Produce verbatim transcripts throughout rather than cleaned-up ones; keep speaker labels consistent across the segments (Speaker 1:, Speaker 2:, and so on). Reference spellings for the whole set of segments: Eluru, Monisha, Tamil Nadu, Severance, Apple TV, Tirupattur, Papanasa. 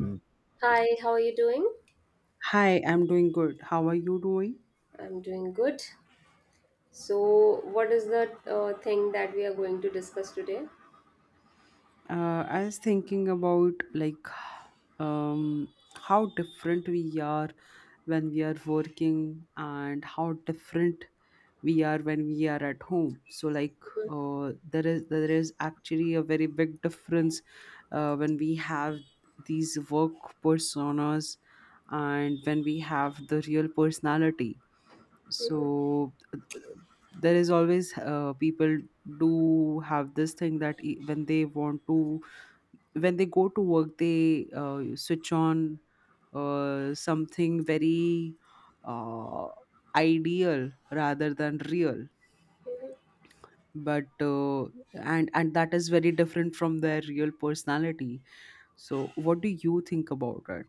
Speaker 1: Mm.
Speaker 2: Hi, how are you doing?
Speaker 1: Hi, I'm doing good. How are you doing?
Speaker 2: I'm doing good. So, what is the uh, thing that we are going to discuss today?
Speaker 1: Uh, I was thinking about like um, how different we are when we are working and how different we are when we are at home. So like uh, there is there is actually a very big difference uh, when we have these work personas and when we have the real personality so uh, there is always uh, people do have this thing that e- when they want to when they go to work they uh, switch on uh, something very uh, ideal rather than real but uh, and and that is very different from their real personality, so what do you think about it?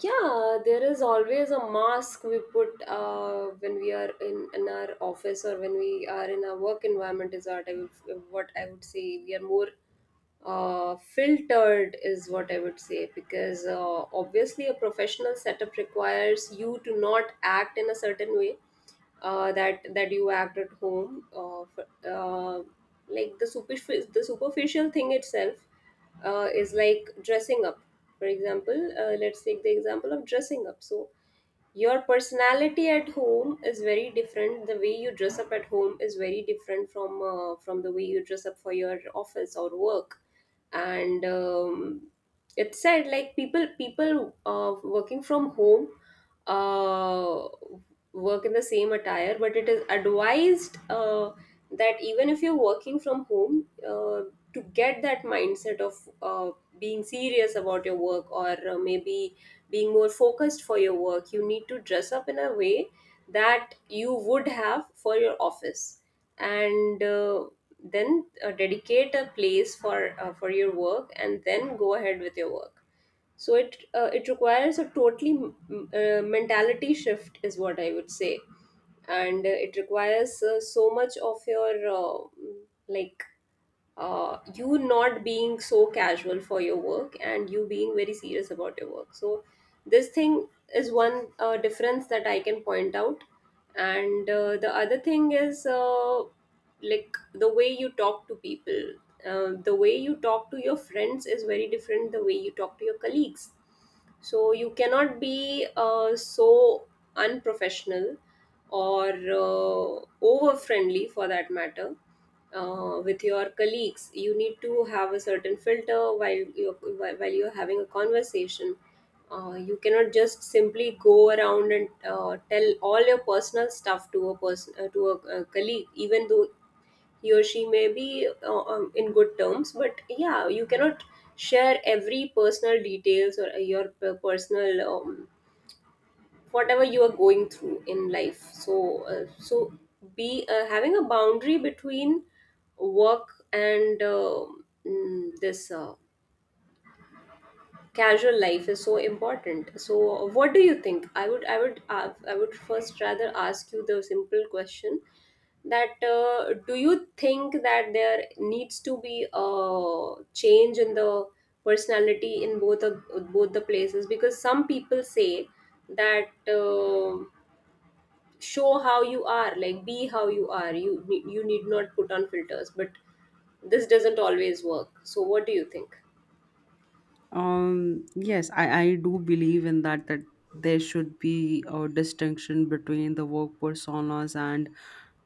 Speaker 2: Yeah, there is always a mask we put uh, when we are in, in our office or when we are in our work environment is what I would, what I would say. We are more uh, filtered is what I would say because uh, obviously a professional setup requires you to not act in a certain way uh, that that you act at home uh, f- uh, like the superficial the superficial thing itself uh, is like dressing up, for example. Uh, let's take the example of dressing up, so your personality at home is very different, the way you dress up at home is very different from uh, from the way you dress up for your office or work. And um, It said like people people uh, working from home uh, work in the same attire, but it is advised, uh, that even if you're working from home, uh, to get that mindset of uh, being serious about your work, or uh, maybe being more focused for your work, you need to dress up in a way that you would have for your office. And uh, then uh, Dedicate a place for uh, for your work and then go ahead with your work. So it uh, it requires a totally mm, uh, mentality shift is what I would say. And uh, It requires uh, so much of your uh, like uh, you not being so casual for your work and you being very serious about your work. So this thing is one uh, difference that I can point out. And uh, The other thing is uh, like the way you talk to people. Uh, the way you talk to your friends is very different, the way you talk to your colleagues, so you cannot be uh, so unprofessional or uh, over friendly for that matter uh, with your colleagues. You need to have a certain filter while you're while while you're having a conversation. Uh, you cannot just simply go around and uh, tell all your personal stuff to a person, uh, to a, a colleague, even though he or she may be uh, um, in good terms, but yeah, you cannot share every personal details, or uh, your per- personal, um, whatever you are going through in life. So uh, so be uh, having a boundary between work and um mm, this uh, casual life is so important. So what do you think? i would i would uh, I would first rather ask you the simple question, that uh, do you think that there needs to be a change in the personality in both of both the places? Because some people say that uh, show how you are, like be how you are, you ne- you need not put on filters, but this doesn't always work. So what do you think?
Speaker 1: Um, yes, I, I do believe in that, that there should be a distinction between the work personas and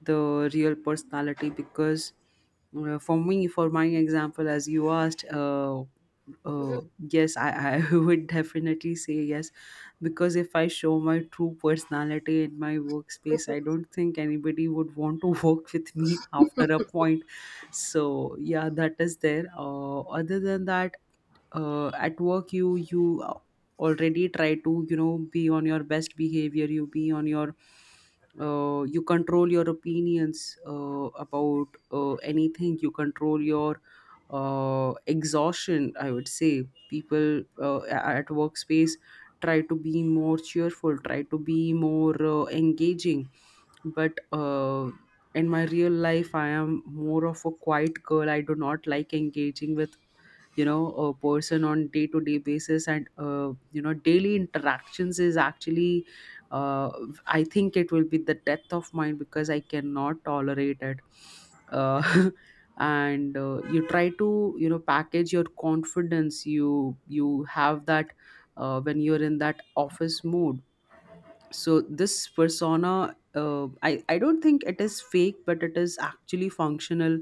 Speaker 1: the real personality because uh, for me, for my example, as you asked, uh, uh, yes, I, I would definitely say yes, because if I show my true personality in my workspace, I don't think anybody would want to work with me after a point. So yeah, that is there. Uh, other than that, uh, at work you you uh, already try to, you know, be on your best behavior. You be on your uh, you control your opinions uh, about uh, anything. You control your uh, exhaustion, I would say. People uh, a- at workspace try to be more cheerful, try to be more uh, engaging, but uh, in my real life I am more of a quiet girl. I do not like engaging with, you know, a person on day to day basis, and uh, you know, daily interactions is actually uh, I think it will be the death of mine because I cannot tolerate it uh, and uh, you try to, you know, package your confidence. You you have that uh, when you're in that office mood. So this persona uh, I, I don't think it is fake, but it is actually functional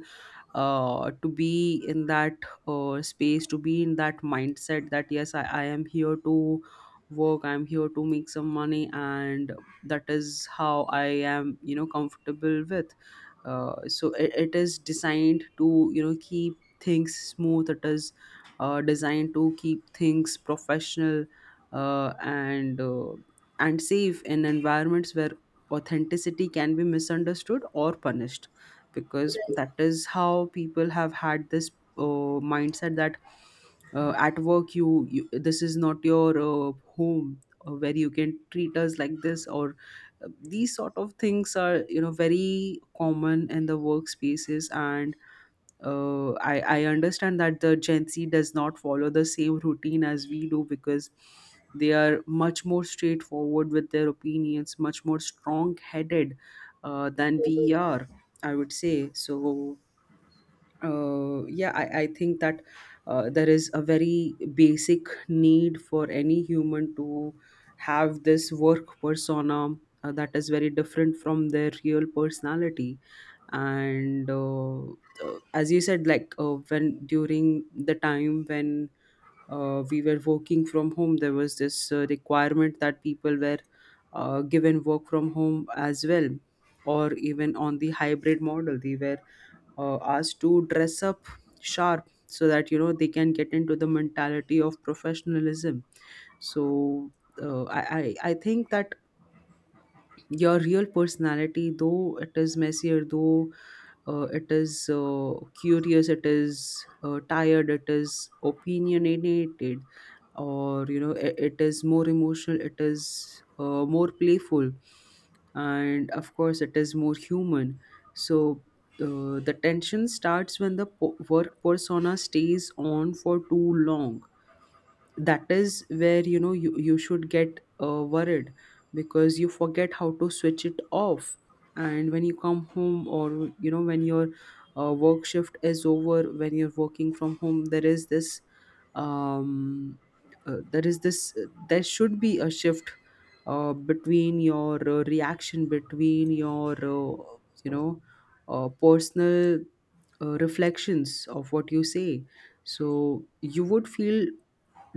Speaker 1: uh, to be in that uh, space, to be in that mindset that yes, I, I am here to work, I'm here to make some money, and that is how I am, you know, comfortable with. Uh, so it, it is designed to, you know, keep things smooth. It is uh, designed to keep things professional uh, and uh, and safe in environments where authenticity can be misunderstood or punished, because
Speaker 2: Right.
Speaker 1: that is how people have had this uh, mindset that uh, at work, you, you this is not your uh, home uh, where you can treat us like this, or uh, these sort of things are, you know, very common in the workspaces. And uh, I, I understand that the Gen Z does not follow the same routine as we do, because they are much more straightforward with their opinions, much more strong headed uh, than we are, I would say. So uh, yeah, I, I think that uh, there is a very basic need for any human to have this work persona uh, that is very different from their real personality. And uh, uh, as you said, like uh, when during the time when uh, we were working from home, there was this uh, requirement that people were uh, given work from home as well, or even on the hybrid model, they were uh, asked to dress up sharp so that, you know, they can get into the mentality of professionalism. So uh, I, I i think that your real personality, though it is messier, though uh, it is uh, curious, it is uh, tired, it is opinionated, or you know, I it is more emotional, it is uh, more playful, and of course, it is more human. So uh, the tension starts when the po- work persona stays on for too long. That is where, you know, you, you should get uh, worried because you forget how to switch it off. And when you come home, or you know, when your uh, work shift is over, when you're working from home, there is this um, uh, there is this there should be a shift uh, between your uh, reaction, between your uh, you know uh, personal uh, reflections of what you say. So you would feel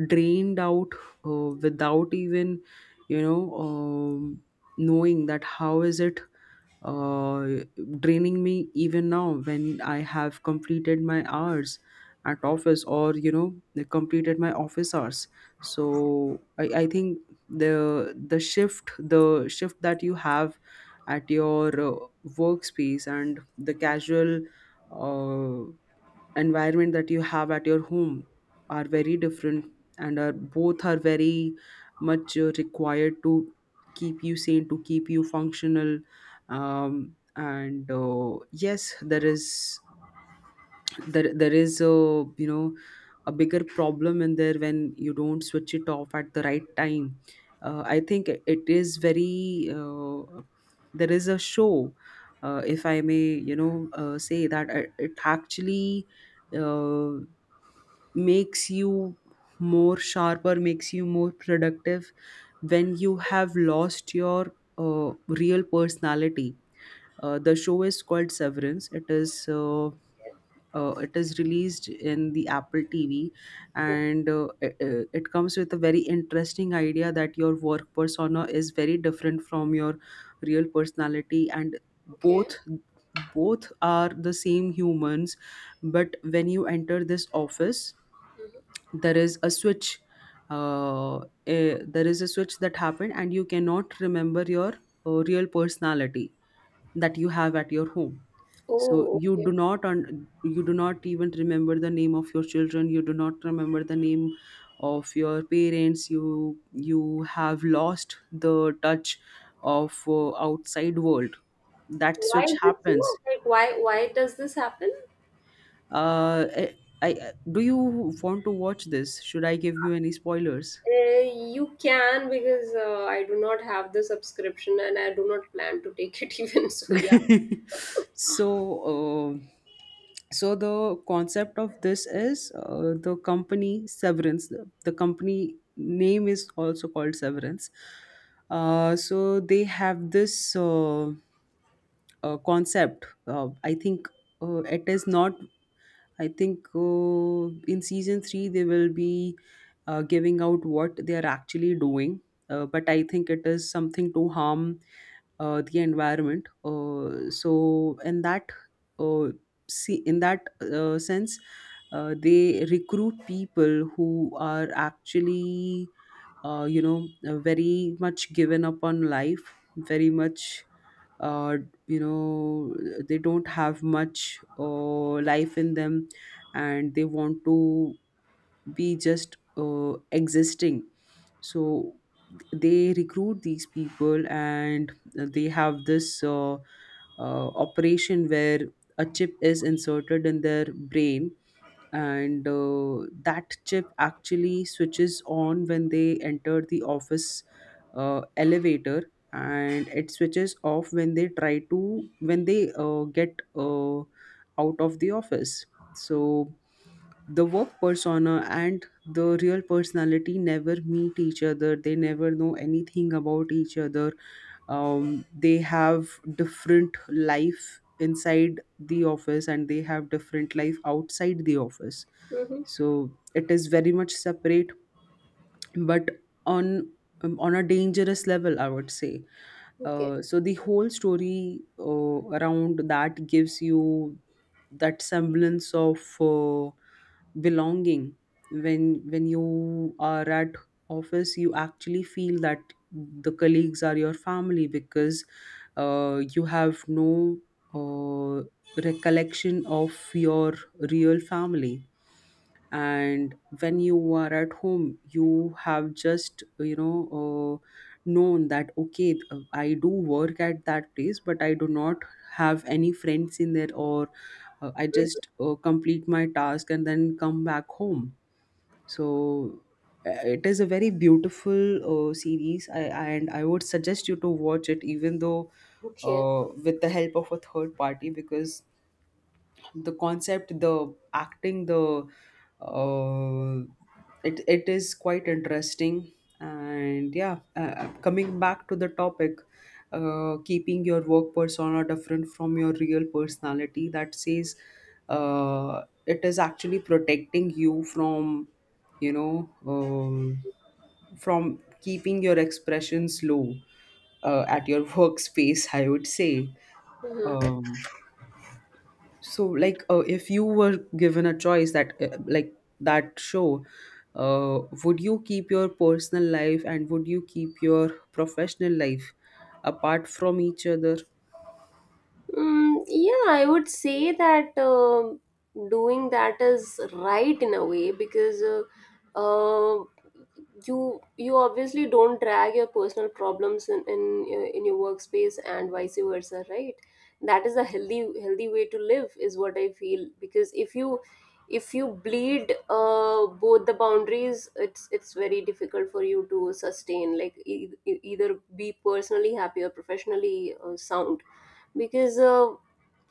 Speaker 1: drained out uh, without even, you know, um, knowing that how is it uh, draining me even now when I have completed my hours at office, or you know, completed my office hours. So i, I think the the shift the shift that you have at your uh, workspace and the casual uh, environment that you have at your home are very different, and are both are very much uh, required to keep you sane, to keep you functional. Um, and uh, Yes, there is there there is a, you know, a bigger problem in there when you don't switch it off at the right time. Uh, i think it it is very uh, there is a show uh, if I may, you know, uh, say that it it actually uh, makes you more sharper, makes you more productive when you have lost your uh, real personality. Uh, the show is called Severance. It is uh, uh, it is released in the Apple T V, and uh, it, uh, it comes with a very interesting idea that your work persona is very different from your real personality, and
Speaker 2: Okay.
Speaker 1: both both are the same humans, but when you enter this office,
Speaker 2: Okay.
Speaker 1: there is a switch. Uh, eh, there is a switch that happened, and you cannot remember your uh, real personality that you have at your home. So
Speaker 2: Oh,
Speaker 1: you
Speaker 2: okay.
Speaker 1: do not un- you do not even remember the name of your children, you do not remember the name of your parents, you you have lost the touch of uh, outside world. That
Speaker 2: Why
Speaker 1: switch
Speaker 2: is it so?
Speaker 1: happens.
Speaker 2: Like, why why does this happen?
Speaker 1: Uh I, I do you want to watch this, should I give you any spoilers?
Speaker 2: Uh, you can, because uh, I do not have the subscription and I do not plan to take it even. So yeah.
Speaker 1: so uh, so the concept of this is uh, the company Severance, the, the company name is also called Severance. Uh, so they have this uh, uh, concept, uh, i think uh, it is not, I think uh, in season three they will be uh, giving out what they are actually doing. Uh, but I think it is something to harm uh, the environment. Uh, so in that uh, see in that uh, sense, uh, they recruit people who are actually uh, you know uh, very much given up on life, very much uh, you know, they don't have much uh, life in them, and they want to be just uh, existing. So they recruit these people and they have this uh, uh, operation where a chip is inserted in their brain, and uh, that chip actually switches on when they enter the office uh, elevator, and it switches off when they try to when they uh, get uh, out of the office. So the work persona and the real personality never meet each other, they never know anything about each other. Um, they have different life inside the office, and they have different life outside the office.
Speaker 2: Mm-hmm.
Speaker 1: So it is very much separate, but on um, on a dangerous level, I would say.
Speaker 2: Okay.
Speaker 1: Uh, so the whole story uh, around that gives you that semblance of uh, belonging. when when you are at office, you actually feel that the colleagues are your family because uh, you have no uh, recollection of your real family. And when you are at home, you have just, you know, uh, known that okay, uh, i do work at that place, but I do not have any friends in there, or uh, i
Speaker 2: Mhm.
Speaker 1: just uh, complete my task and then come back home. So uh, it is a very beautiful uh, series I, and I would suggest you to watch it, even though
Speaker 2: Okay.
Speaker 1: uh, with the help of a third party, because the concept, the acting, the uh, it it is quite interesting. And yeah, uh, coming back to the topic, uh, keeping your work persona different from your real personality, that says uh, it is actually protecting you from, you know, um, from keeping your expressions low uh, at your workspace, I would say.
Speaker 2: Mhm.
Speaker 1: Um, so like uh, if you were given a choice that uh, like that show, uh, would you keep your personal life and would you keep your professional life apart from each other?
Speaker 2: Mm, yeah, I would say that um doing that is right in a way, because uh, uh, you you obviously don't drag your personal problems in in, uh, in your workspace and vice versa, right? That is a healthy healthy way to live, is what I feel. Because if you, if you bleed uh, both the boundaries, it's it's very difficult for you to sustain. Like, e- e- either be personally happy or professionally uh, sound. Because uh,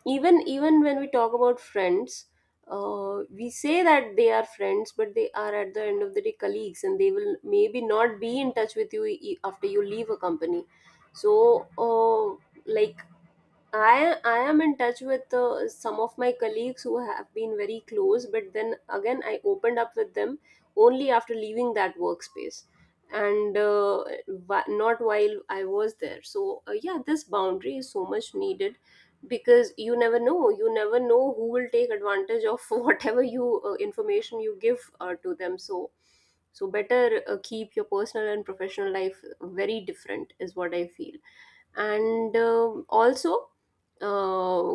Speaker 2: even even when we talk about friends, uh, we say that they are friends, but they are at the end of the day colleagues and they will maybe not be in touch with you e- after you leave a company. So uh, like I I am in touch with uh, some of my colleagues who have been very close, but then again I opened up with them only after leaving that workspace, and uh, wh- not while I was there. So uh, yeah, this boundary is so much needed, because you never know you never know who will take advantage of whatever you uh, information you give uh, to them. So, so better uh, keep your personal and professional life very different is what I feel. And uh, Also, uh,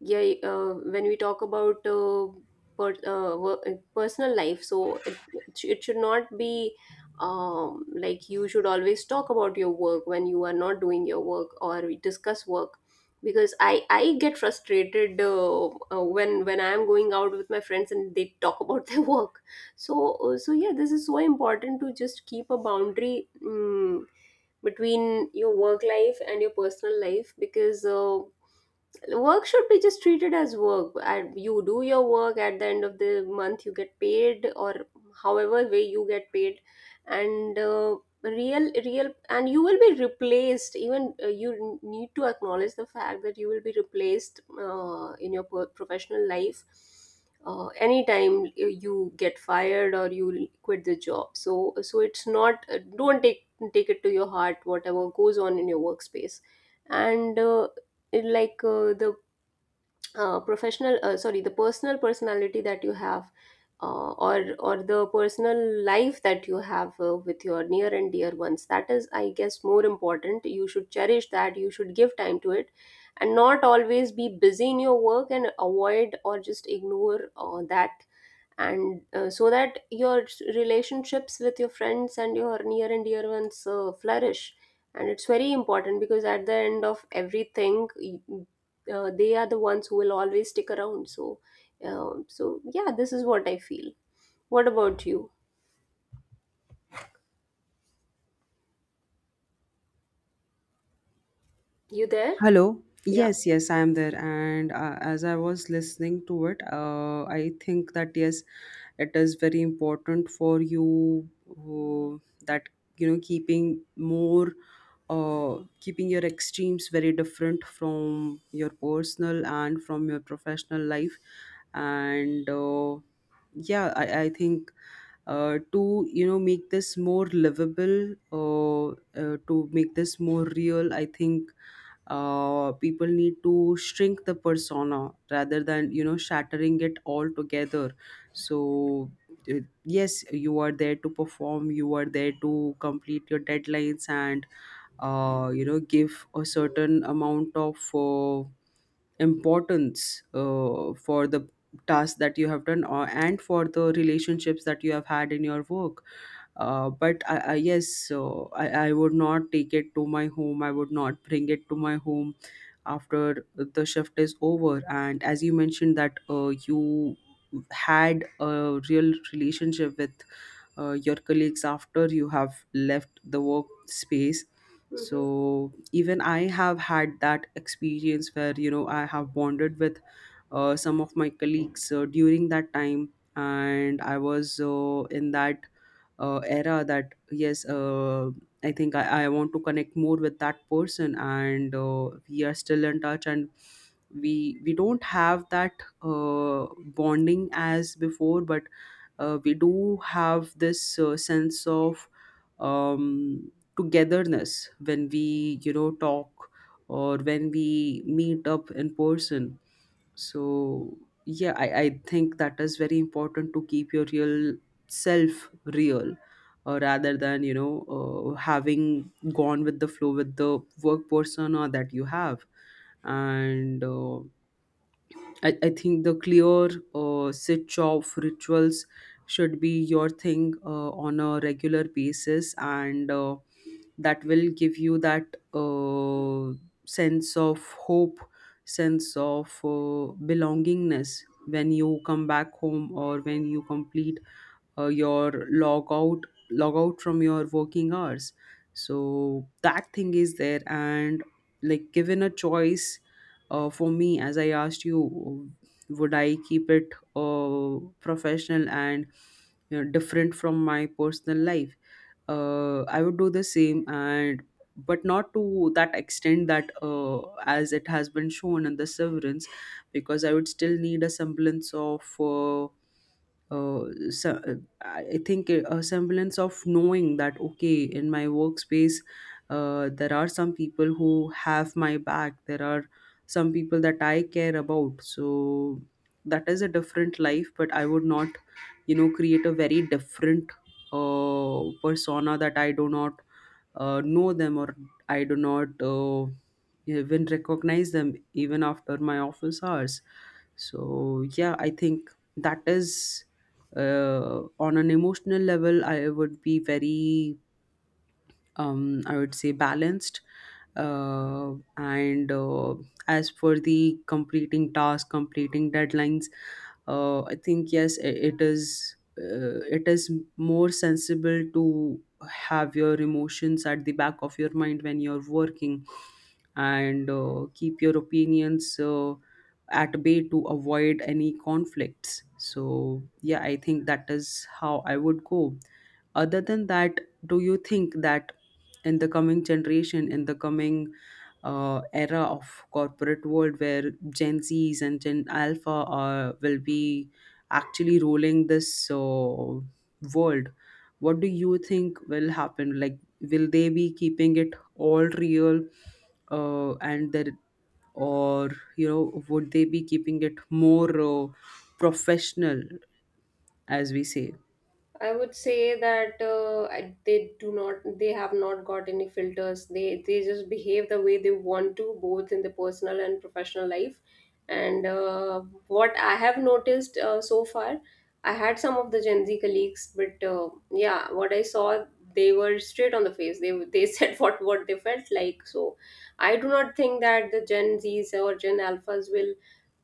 Speaker 2: yeah, uh, when we talk about uh, per, uh, wo- uh, personal life, so it, it sh- it should not be, um, like you should always talk about your work when you are not doing your work or we discuss work, because i i get frustrated, uh, uh, when when I am going out with my friends and they talk about their work. So uh, so yeah, this is so important, to just keep a boundary mm between your work life and your personal life. Because uh, work should be just treated as work and you do your work, at the end of the month you get paid, or however way you get paid. And uh, real real, and you will be replaced, even uh, you need to acknowledge the fact that you will be replaced uh, in your pro- professional life, uh, anytime uh, you get fired or you quit the job. So, so it's not, uh, don't take take it to your heart whatever goes on in your workspace. And uh, it like uh, the uh, professional uh, sorry The personal personality that you have, uh, or or the personal life that you have uh, with your near and dear ones, that is I guess more important. You should cherish that, you should give time to it, and not always be busy in your work and avoid or just ignore uh, that. And uh, So that your relationships with your friends and your near and dear ones uh, flourish. And it's very important, because at the end of everything, uh, they are the ones who will always stick around. So um, so yeah, this is what I feel. What about you? You there?
Speaker 1: Hello.
Speaker 2: Yeah.
Speaker 1: Yes, yes, I am there. And uh, as I was listening to it, uh, I think that yes, it is very important for you uh, that, you know, keeping more, uh, keeping your extremes very different from your personal and from your professional life. And uh, yeah, I I think uh, to, you know, make this more livable. Uh, uh, to make this more real, I think uh, people need to shrink the persona rather than you know shattering it all together. So uh, yes, you are there to perform, you are there to complete your deadlines, and uh, you know give a certain amount of uh, importance uh, for the task that you have done or, and for the relationships that you have had in your work. Uh, but I, I yes, so I, I would not take it to my home, I would not bring it to my home after the shift is over. And as you mentioned that uh, you had a real relationship with uh, your colleagues after you have left the work space.
Speaker 2: Hmm.
Speaker 1: So even I have had that experience where you know I have bonded with uh, some of my colleagues uh, during that time. And I was uh, in that uh, era that, yes, uh, I think I, I want to connect more with that person, and uh, we are still in touch, and we we don't have that uh, bonding as before, but uh, we do have this uh, sense of um, togetherness when we, you know talk or when we meet up in person. So yeah, i, I think that is very important to keep your real self real, uh, rather than you know uh, having gone with the flow with the work persona that you have. And uh, I, I think the clear uh, switch off rituals should be your thing uh, on a regular basis, and uh, that will give you that uh, sense of hope, sense of uh, belongingness when you come back home or when you complete uh, your log out, log out from your working hours. So that thing is there. And like, given a choice, uh, for me, as I asked you, would I keep it uh, professional and you know different from my personal life, uh, I would do the same, and but not to that extent that, uh, as it has been shown in the Severance. Because I would still need a semblance of uh, uh, so, uh, I think a a semblance of knowing that, okay, in my workspace, uh, there are some people who have my back. There are some people that I care about. So that is a different life, but I would not, you know, create a very different uh, persona that I do not uh, know them, or I do not uh, even recognize them even after my office hours. So yeah, I think that is uh, on an emotional level I would be very um, I would say balanced. Uh, and uh, As for the completing tasks, completing deadlines, uh, I think yes, i- it is. Uh, it is more sensible to have your emotions at the back of your mind when you're working, and uh, keep your opinions uh, at bay to avoid any conflicts. So yeah, I think that is how I would go. Other than that, do you think that in the coming generation, in the coming uh, era of corporate world where Gen Z's and Gen Alpha are, will be actually ruling this uh, world, what do you think will happen? Like, will they be keeping it all real uh, and there, or, you know would they be keeping it more uh, professional, as we say?
Speaker 2: I would say that uh, I- they do not, they have not got any filters. They they just behave the way they want to, both in the personal and professional life. And uh, What I have noticed uh, so far, I had some of the Gen Z colleagues, but uh, yeah, what I saw, they were straight on the face. They they said what what they felt like. So I do not think that the Gen Zs or Gen Alphas will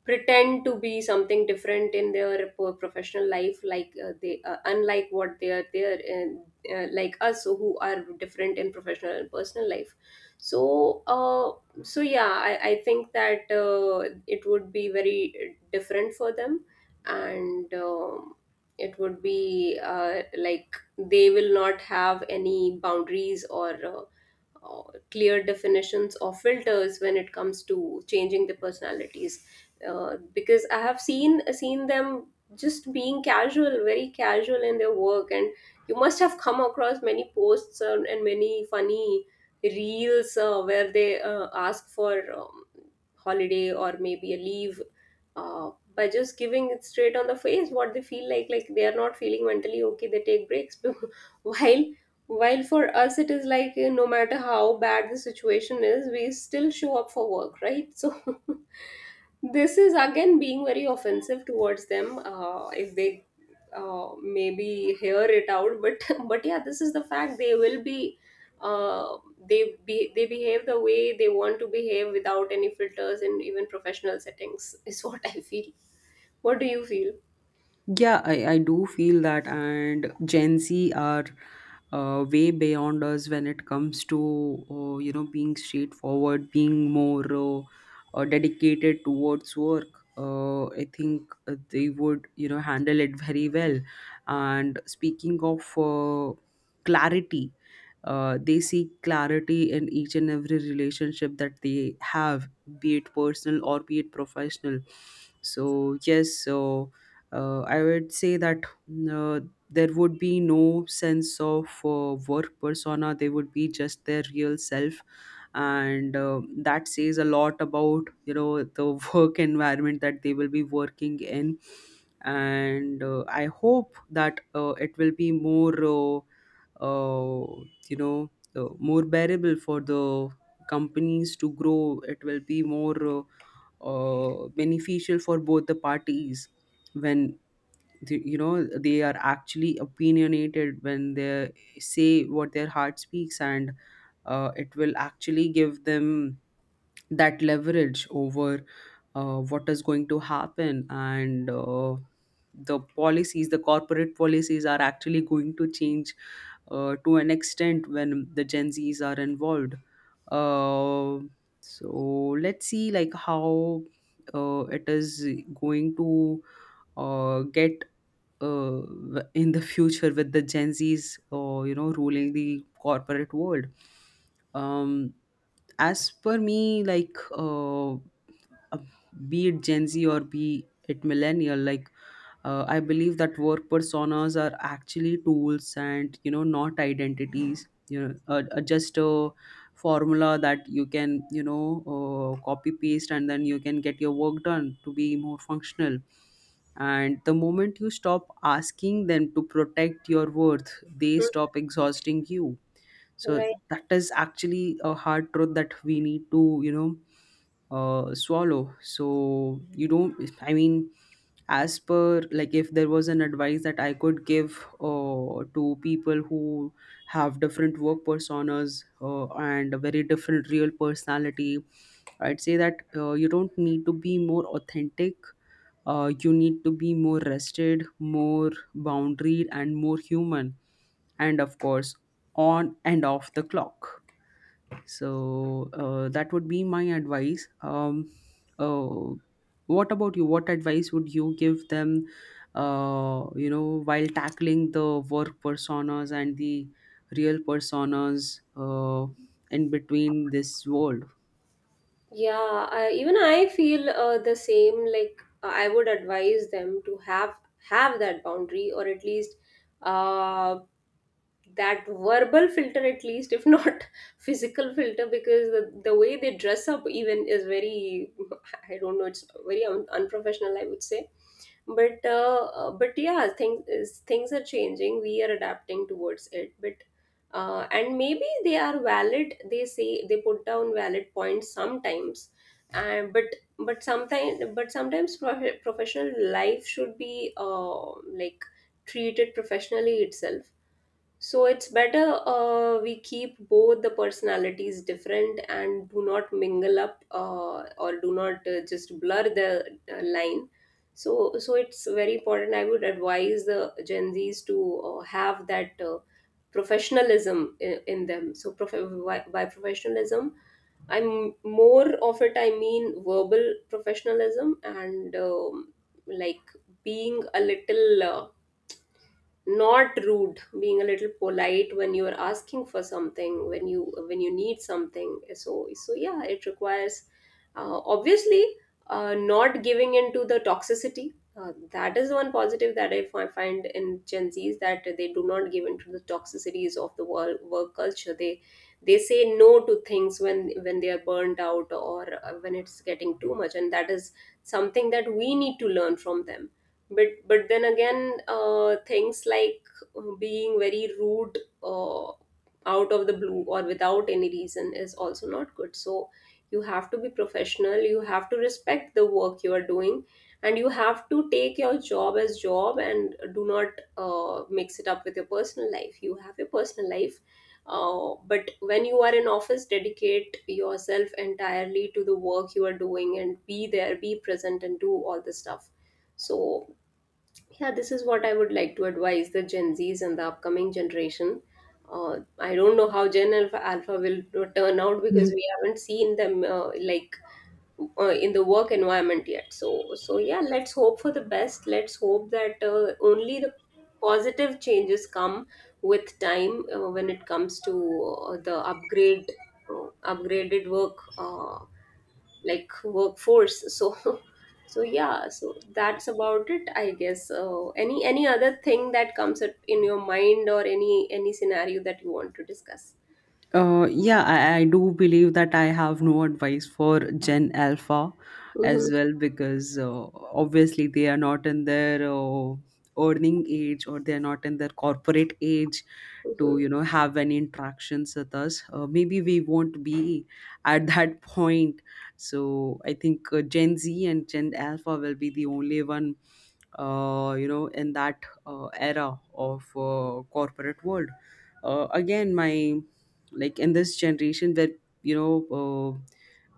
Speaker 2: pretend to be something different in their po- professional life, like uh, they uh, unlike what they are there. And uh, uh, Like us, so, who are different in professional and personal life. So uh, so yeah, i, I think that uh, it would be very different for them. And um, It would be uh, like they will not have any boundaries or uh, uh, clear definitions or filters when it comes to changing the personalities, uh, because I have seen seen them just being casual, very casual in their work. And you must have come across many posts, uh, and many funny reels, uh, where they uh, ask for, um, holiday or maybe a leave, uh, by just giving it straight on the face what they feel like like they are not feeling mentally okay, they take breaks, while while for us it is like uh, no matter how bad the situation is, we still show up for work, right? So this is again being very offensive towards them, uh, if they uh, maybe hear it out, but but yeah, this is the fact, they will be uh, they be they behave the way they want to behave without any filters in even professional settings, is what I feel. What do you feel?
Speaker 1: Yeah, I, I do feel that, and Gen Z are uh, way beyond us when it comes to uh, you know being straightforward, being more uh, uh, dedicated towards work. Uh, I think uh, they would, you know handle it very well. And speaking of uh, clarity, uh, they seek clarity in each and every relationship that they have, be it personal or be it professional. So yes, so uh, I would say that uh, there would be no sense of uh, work persona. They would be just their real self, and uh, that says a lot about, you know, the work environment that they will be working in. And uh, I hope that uh, it will be more, uh, uh, you know, uh, more bearable for the companies to grow. It will be more uh, uh, beneficial for both the parties when the, you know, they are actually opinionated when they say what their heart speaks. And uh, it will actually give them that leverage over uh, what is going to happen, and uh, the policies, the corporate policies are actually going to change uh, to an extent when the Gen Z's are involved. Uh, so let's see like how uh, it is going to uh, get uh, w- in the future with the Gen Zs or, you know, ruling the corporate world. Um, as per me, like. Uh, uh, be it Gen Z or be it millennial, like, uh, I believe that work personas are actually tools, and you know, not identities. You know, uh, uh, just a formula that you can, you know uh, copy paste, and then you can get your work done to be more functional. And the moment you stop asking them to protect your worth, they
Speaker 2: Mm.
Speaker 1: stop exhausting you. So
Speaker 2: Right.
Speaker 1: that is actually a hard truth that we need to, you know uh, swallow. So you don't. I mean, as per, like, if there was an advice that I could give uh, to people who have different work personas uh, and a very different real personality, I'd say that uh, you don't need to be more authentic. Uh, you need to be more rested, more boundaried, and more human, and of course, on and off the clock. So uh, that would be my advice. Um, uh, what about you? What advice would you give them? Uh, you know, while tackling the work personas and the real personas uh, in between this world.
Speaker 2: Yeah, I, even I feel uh, the same. Like uh, I would advise them to have have that boundary, or at least uh, that verbal filter, at least if not physical filter, because the, the way they dress up even is very, I don't know, it's very un unprofessional, I would say. But uh, uh, but yeah, things is, things are changing, we are adapting towards it, but uh, and maybe they are valid, they say, they put down valid points sometimes, and but, but sometimes but sometimes prof- professional life should be uh, like treated professionally itself. So it's better uh, we keep both the personalities different and do not mingle up, uh, or do not uh, just blur the uh, line. So, so it's very important. I would advise the Gen Zs to uh, have that uh, professionalism in, in them. So, prof- by, by professionalism, I'm more of it. I mean verbal professionalism. And um, Like being a little. Uh, not rude, being a little polite when you are asking for something, when you when you need something. So, so yeah, it requires uh, obviously, uh, not giving into the toxicity, uh, that is one positive that I fi- find in Gen Zs, that they do not give into the toxicities of the world, work culture. They they say no to things when when they are burnt out or uh, when it's getting too much, and that is something that we need to learn from them. but but then again, uh, things like uh, being very rude uh, out of the blue or without any reason is also not good. So you have to be professional, you have to respect the work you are doing, and you have to take your job as job and do not uh, mix it up with your personal life. You have your personal life, uh, but when you are in office, dedicate yourself entirely to the work you are doing, and be there, be present, and do all the stuff. So yeah, this is what I would like to advise the Gen Zs and the upcoming generation. Uh, I don't know how Gen Alpha, Alpha will turn out, because
Speaker 1: Mhm.
Speaker 2: we haven't seen them uh, like uh, in the work environment yet. So, so yeah, let's hope for the best. Let's hope that uh, only the positive changes come with time, uh, when it comes to uh, the upgrade, uh, upgraded work uh, like workforce. So so yeah, so that's about it, I guess. Uh, any any other thing that comes up in your mind, or any any scenario that you want to discuss?
Speaker 1: Uh, yeah, I, I do believe that I have no advice for Gen Alpha
Speaker 2: Mm-hmm,
Speaker 1: as well, because uh, obviously they are not in their uh, earning age, or they are not in their corporate age to,
Speaker 2: mm-hmm,
Speaker 1: you know, have any interactions with us. Uh, maybe we won't be at that point. So I think uh, Gen Z and Gen Alpha will be the only one uh, you know in that uh, era of uh, corporate world. Uh, again, my, like, in this generation that, you know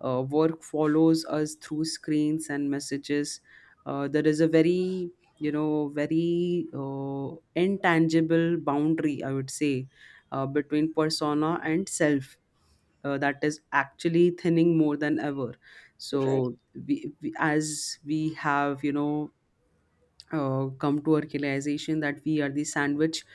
Speaker 1: uh, uh, work follows us through screens and messages. Uh, there is a very, you know very uh, intangible boundary, I would say, uh, between persona and self, uh, that is actually thinning more than ever.
Speaker 2: right.
Speaker 1: So we, we as we have, you know uh, come to a realization that we are the sandwich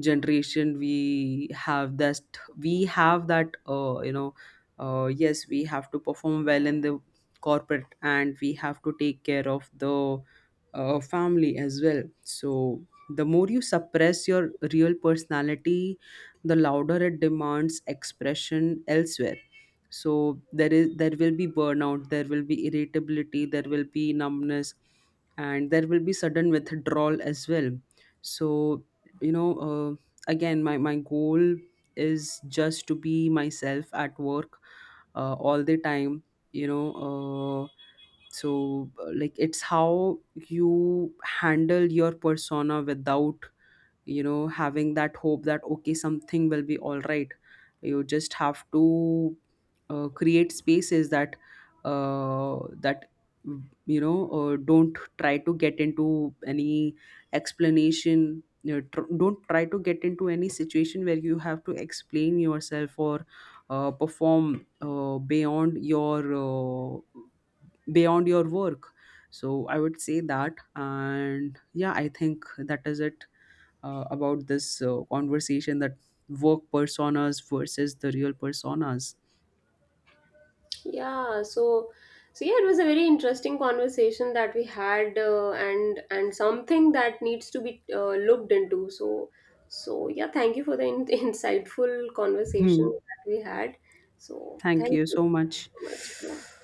Speaker 1: generation, we have that, we have that uh, you know uh, yes, we have to perform well in the corporate, and we have to take care of the uh, family as well. So the more you suppress your real personality, the louder it demands expression elsewhere. So there is, there will be burnout, there will be irritability, there will be numbness, and there will be sudden withdrawal as well. So, you know uh, again, my my goal is just to be myself at work, uh, all the time, you know uh, so uh, like, it's how you handle your persona without, you know, having that hope that, okay, something will be all right. You just have to uh, create spaces that uh, that you know uh, don't try to get into any explanation, you know, tr- don't try to get into any situation where you have to explain yourself or uh, perform uh, beyond your uh, beyond your work. So I would say that, and yeah, I think that is it uh, about this uh, conversation, that work personas versus the real personas.
Speaker 2: Yeah. So, so yeah, it was a very interesting conversation that we had, uh, and and something that needs to be uh, looked into. So, so yeah, thank you for the in- insightful conversation
Speaker 1: Hmm.
Speaker 2: that we had. So,
Speaker 1: Thank
Speaker 2: thank
Speaker 1: you
Speaker 2: you
Speaker 1: so much.
Speaker 2: so much. Yeah.